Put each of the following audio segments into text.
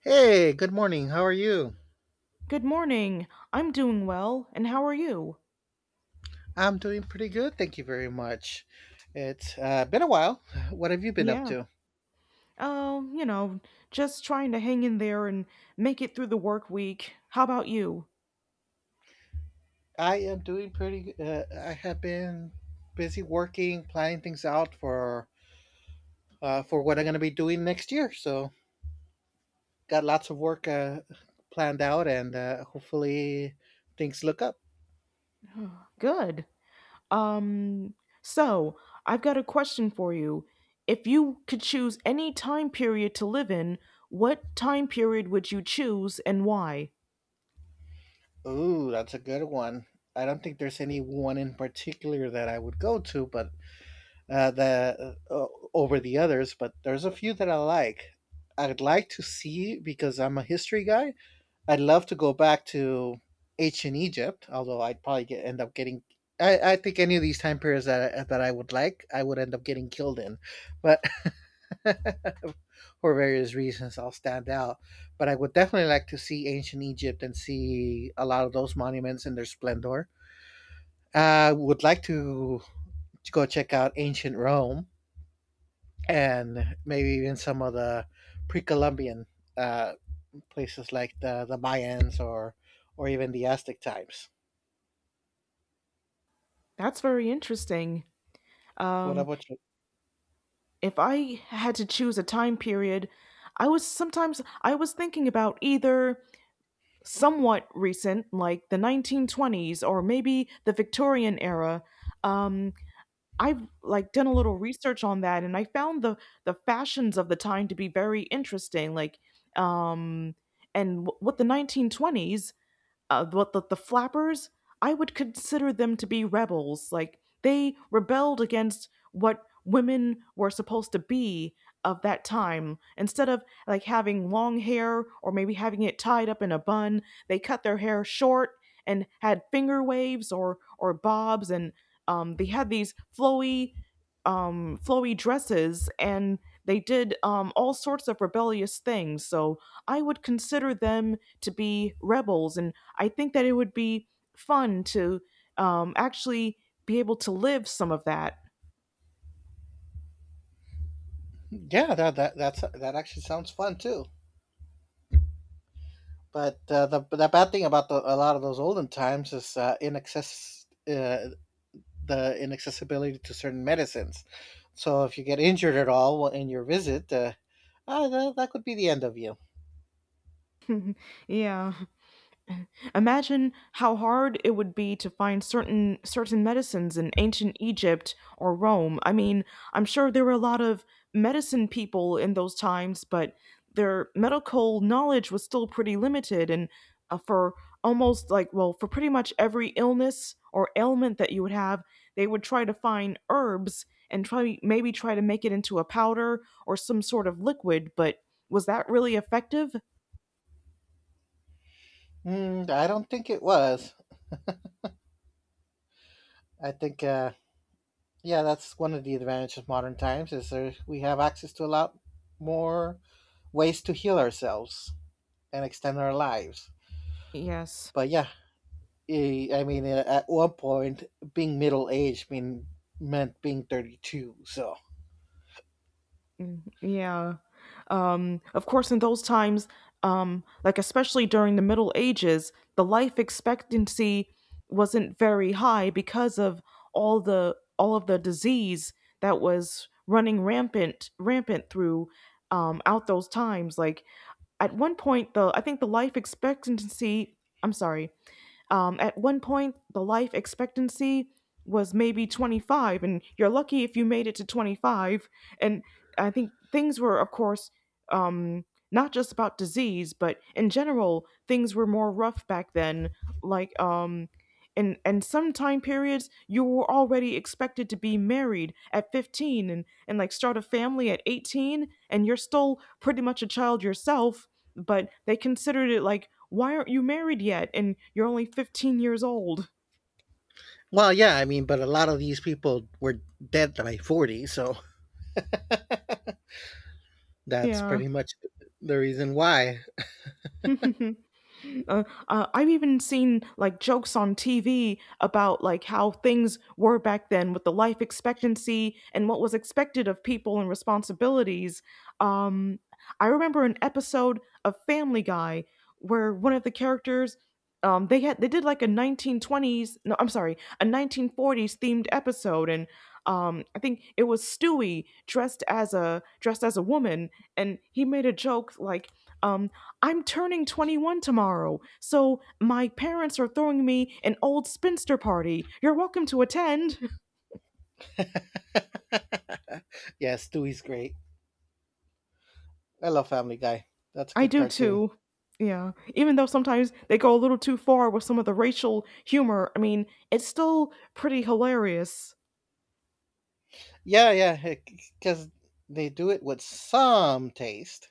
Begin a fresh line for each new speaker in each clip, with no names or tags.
Hey, good morning. How are you?
Good morning. I'm doing well, and how are you?
I'm doing pretty good. Thank you very much. It's been a while. What have you been up
Yeah.
to?
Oh, just trying to hang in there and make it through the work week. How about you?
I am doing I have been busy working, planning things out for what I'm going to be doing next year. So, got lots of work planned out and hopefully things look up.
Good. Um, so I've got a question for you. If you could choose any time period to live in, what time period would you choose and why?
Ooh, that's a good one. I don't think there's any one in particular that I would go to, but the over the others, but there's a few that I like. I'd like to see because I'm a history guy. I'd love to go back to ancient Egypt, although I'd probably end up getting. I think any of these time periods that I would like, I would end up getting killed in, but for various reasons, I'll stand out. But I would definitely like to see ancient Egypt and see a lot of those monuments in their splendor. I would like to go check out ancient Rome and maybe even some of the pre-Columbian uh, places like the Mayans or even the Aztec times.
That's very interesting.
What
Um,
about you?
if I had to choose a time period, I was sometimes I was thinking about either somewhat recent, like the 1920s or maybe the Victorian era. Um, I've like done a little research on that, and I found the fashions of the time to be very interesting. Like, um, with the 1920s, but the flappers, I would consider them to be rebels, like they rebelled against what women were supposed to be of that time. Instead of like having long hair or maybe having it tied up in a bun, they cut their hair short and had finger waves or bobs. And they had these flowy dresses, and they did all sorts of rebellious things. So I would consider them to be rebels, and I think that it would be fun to actually be able to live some of that.
Yeah, that that actually sounds fun too. But the bad thing about a lot of those olden times is inaccess the inaccessibility to certain medicines. So if you get injured at all in your visit, that could be the end of you.
Yeah. Imagine how hard it would be to find certain medicines in ancient Egypt or Rome. I mean, I'm sure there were a lot of medicine people in those times, but their medical knowledge was still pretty limited, and for almost like, well, for pretty much every illness or ailment that you would have, they would try to find herbs and try to make it into a powder or some sort of liquid. But was that really effective?
Mm, I don't think it was. I think yeah, that's one of the advantages of modern times is we have access to a lot more ways to heal ourselves and extend our lives.
Yes.
But yeah, I mean, at one point, being middle aged meant being 32. So
Yeah. Of course, in those times, like especially during the Middle Ages, the life expectancy wasn't very high because of all of the disease that was running rampant through out those times. Like, at one point, the I think the life expectancy, I'm sorry, at one point, the life expectancy was maybe 25, and you're lucky if you made it to 25. And I think things were, of course, um, not just about disease, but in general, things were more rough back then. Like, in some time periods, you were already expected to be married at 15, and like start a family at 18. And you're still pretty much a child yourself, but they considered it like, why aren't you married yet? And you're only 15 years old.
well, yeah, I mean, but a lot of these people were dead by 40, so that's
Yeah.
pretty much the reason why.
I've even seen like jokes on TV about like how things were back then with the life expectancy and what was expected of people and responsibilities. Um, I remember an episode of Family Guy where one of the characters they did like a 1920s, no, I'm sorry, a 1940s themed episode. And I think it was Stewie dressed as a woman, and he made a joke like, um, "I'm turning 21 tomorrow, so my parents are throwing me an old spinster party. You're welcome to attend."
Yes, Dewey's great. I love Family Guy. That's a
I
good
do
cartoon.
too. Yeah. Even though sometimes they go a little too far with some of the racial humor, I mean, it's still pretty hilarious.
Yeah, yeah, because they do it with some taste.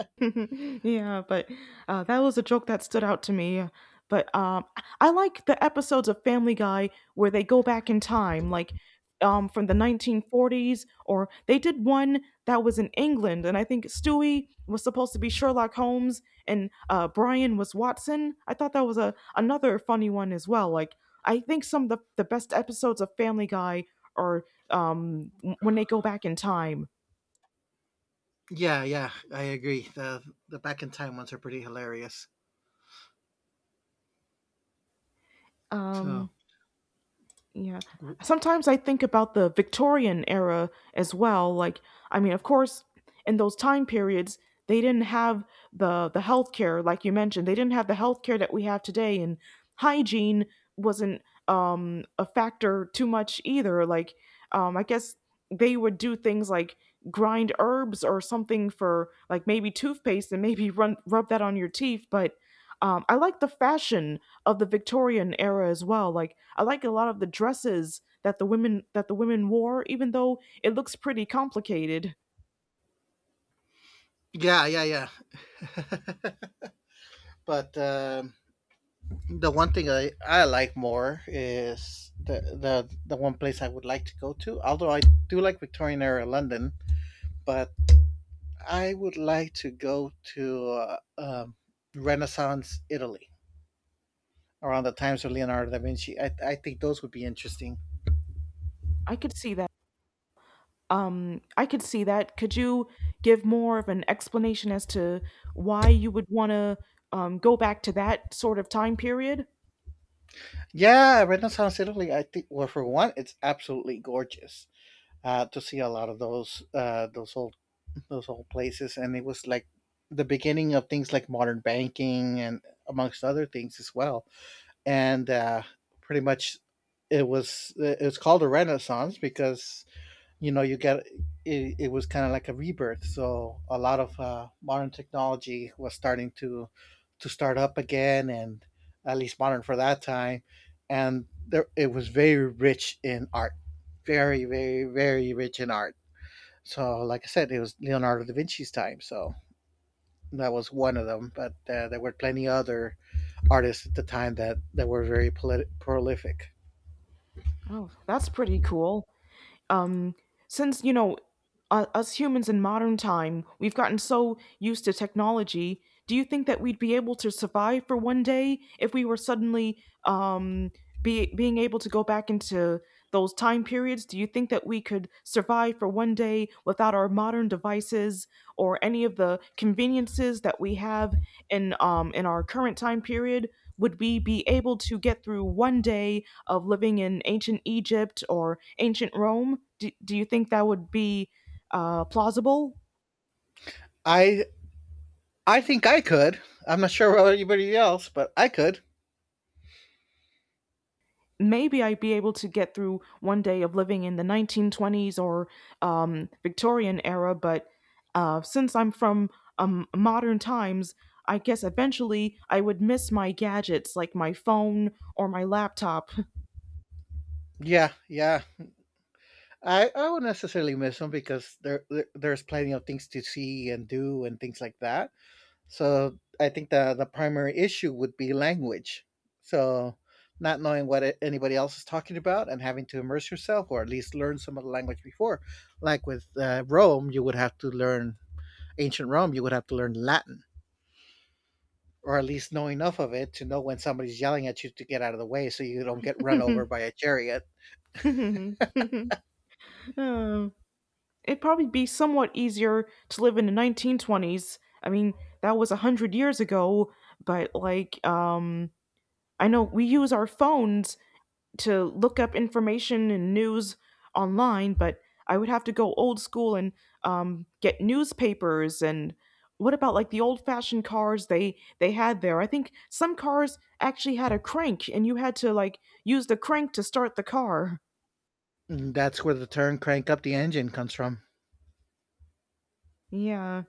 Yeah, but that was a joke that stood out to me. But I like the episodes of Family Guy where they go back in time, like from the 1940s, or they did one that was in England, and I think Stewie was supposed to be Sherlock Holmes, and Brian was Watson. I thought that was a another funny one as well. Like, I think some of the best episodes of Family Guy are when they go back in time.
Yeah, yeah, I agree. The back in time ones are pretty hilarious.
Um,
So
Yeah.
w-
Sometimes I think about the Victorian era as well. Like, I mean, of course, in those time periods, they didn't have the healthcare, like you mentioned. They didn't have the healthcare that we have today, and hygiene wasn't a factor too much either. Like, I guess they would do things like grind herbs or something for like maybe toothpaste and maybe run rub that on your teeth. But I like the fashion of the Victorian era as well. Like, I like a lot of the dresses that the women wore, even though it looks pretty complicated.
yeah, yeah, yeah. But the one thing I like more is the one place I would like to go to. Although I do like Victorian era London, but I would like to go to Renaissance Italy around the times of Leonardo da Vinci. I think those would be interesting.
I could see that. I could see that. Could you give more of an explanation as to why you would want to go back to that sort of time period?
Yeah, Renaissance Italy. I think well, for one, it's absolutely gorgeous to see a lot of those old those old places, and it was like the beginning of things like modern banking and amongst other things as well. And pretty much, it's called a Renaissance because you know you get it was kind of like a rebirth, so a lot of modern technology was starting to start up again and at least modern for that time. And there it was very rich in art, very very very rich in art. So like I said, it was Leonardo da Vinci's time, so that was one of them. But there were plenty other artists at the time that were very prolific.
Oh, that's pretty cool. um, since us humans in modern time, we've gotten so used to technology, do you think that we'd be able to survive for one day if we were suddenly being able to go back into those time periods, do you think that we could survive for one day without our modern devices or any of the conveniences that we have in our current time period? Would we be able to get through one day of living in ancient Egypt or ancient Rome? Do you think that would be plausible?
I i think i could i'm not sure about anybody else, but I could.
Maybe I'd be able to get through one day of living in the 1920s or Victorian era, but since I'm from modern times, I guess eventually I would miss my gadgets like my phone or my laptop.
Yeah, yeah. I won't necessarily miss them because there's plenty of things to see and do and things like that. So I think the primary issue would be language. So not knowing what anybody else is talking about and having to immerse yourself or at least learn some of the language before. Like with Rome, you would have to learn ancient Rome. You would have to learn Latin or at least know enough of it to know when somebody's yelling at you to get out of the way so you don't get run over by a chariot.
Oh, it'd probably be somewhat easier to live in the 1920s. I mean, that was 100 years ago, but like, I know we use our phones to look up information and news online, but I would have to go old school and get newspapers. And what about like the old fashioned cars they had there? I think some cars actually had a crank, and you had to like use the crank to start the car.
And that's where the term "crank up the engine" comes from.
Yeah,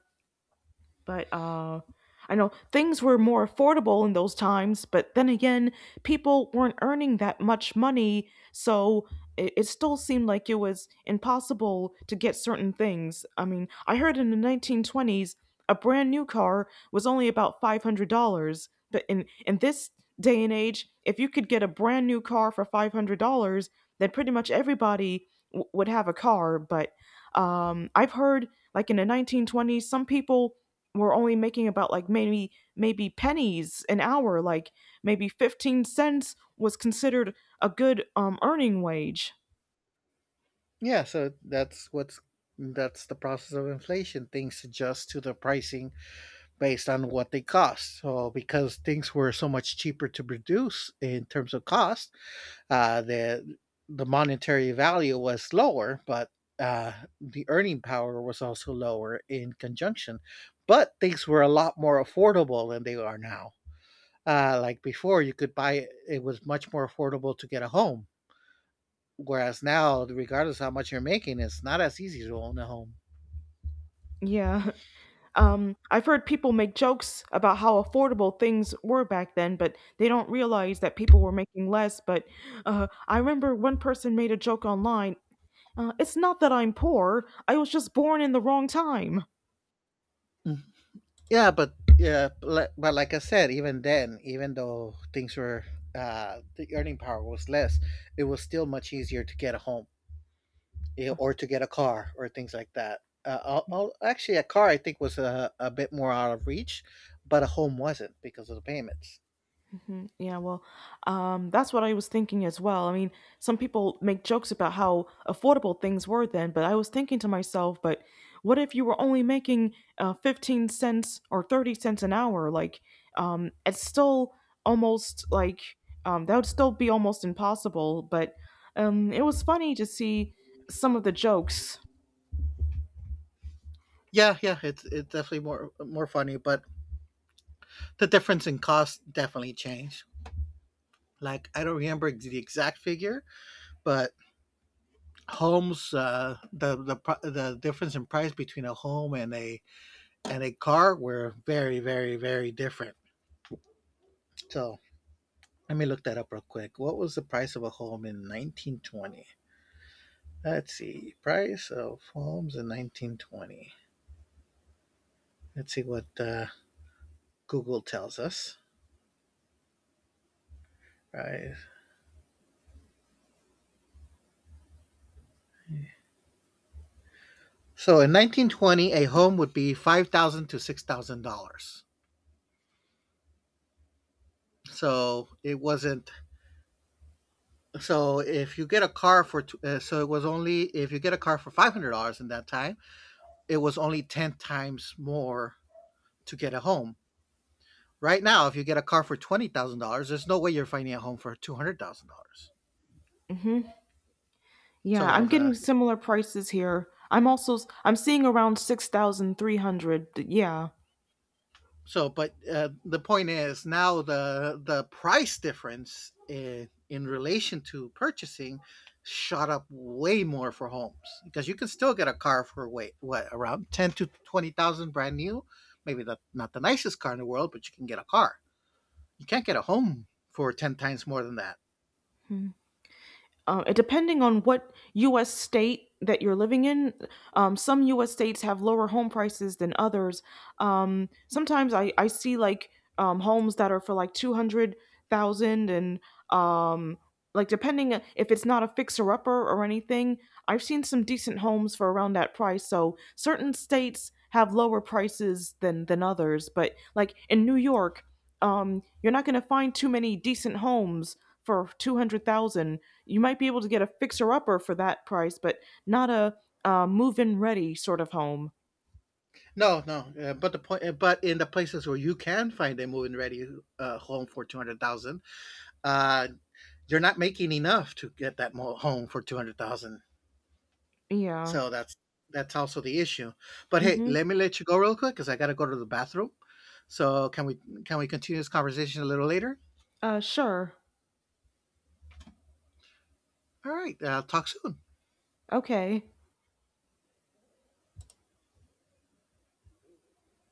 but I know things were more affordable in those times, but then again, people weren't earning that much money, so it still seemed like it was impossible to get certain things. I mean, I heard in the 1920s a brand new car was only about $500, but in this day and age, if you could get a brand new car for $500, then pretty much everybody would have a car. But I've heard like in the 1920s some people were only making about like maybe pennies an hour, like maybe 15¢ was considered a good earning wage.
Yeah, so that's the process of inflation. Things adjust to the pricing based on what they cost. So because things were so much cheaper to produce in terms of cost, uh, the the monetary value was lower, but uh, the earning power was also lower in conjunction. But things were a lot more affordable than they are now. Like before, you could buy it was much more affordable to get a home. Whereas now, regardless of how much you're making, it's not as easy to own a home.
Yeah. I've heard people make jokes about how affordable things were back then, but they don't realize that people were making less. But I remember one person made a joke online, "It's not that I'm poor, I was just born in the wrong time."
Mm. Yeah, but yeah, but like I said, even then, even though things were the earning power was less, it was still much easier to get a home, or to get a car or things like that. Actually, a car I think was a bit more out of reach, but a home wasn't because of the payments.
Mhm. Yeah, well, that's what I was thinking as well. I mean, some people make jokes about how affordable things were then, but I was thinking to myself, but what if you were only making 15¢ or 30¢ an hour? Like, it's still almost like that would still be almost impossible. But it was funny to see some of the jokes.
Yeah, yeah, it's definitely more funny, but the difference in cost definitely changed. Like I don't remember the exact figure, but homes the difference in price between a home and a car were very very very different. So let me look that up real quick. What was the price of a home in 1920? Let's see, price of homes in 1920. Let's see what Google tells us. Right. So in 1920, a home would be $5,000 to $6,000. So it wasn't. So if you get a car for, so it was only if you get a car for $500 in that time, it was only 10 times more to get a home. Right now, if you get a car for $20,000, there's no way you're finding a home for $200,000.
hmm Yeah,
So
I'm getting
the
similar prices here. I'm seeing around 6,300. Yeah.
so but the point is now the price difference in relation to purchasing shot up way more for homes, because you can still get a car for wait what around 10 to 20,000 brand new, maybe not the nicest car in the world, but you can get a car. You can't get a home for 10 times more than that.
Depending on what U.S. state that you're living in, some U.S. states have lower home prices than others. Sometimes I see like homes that are for like 200,000, and um, like depending if it's not a fixer upper or anything, I've seen some decent homes for around that price. So certain states have lower prices than others, but like in New York, you're not going to find too many decent homes for 200,000. You might be able to get a fixer upper for that price, but not a move in ready sort of home.
No, no, but the point, but in the places where you can find a move-in ready home for 200,000, uh, you're not making enough to get that home for 200,000.
Yeah.
So that's also the issue. But hey,
Mm-hmm.
let me let you go real quick because I got to go to the bathroom. So can we continue this conversation a little later?
Sure.
All right, talk soon.
Okay.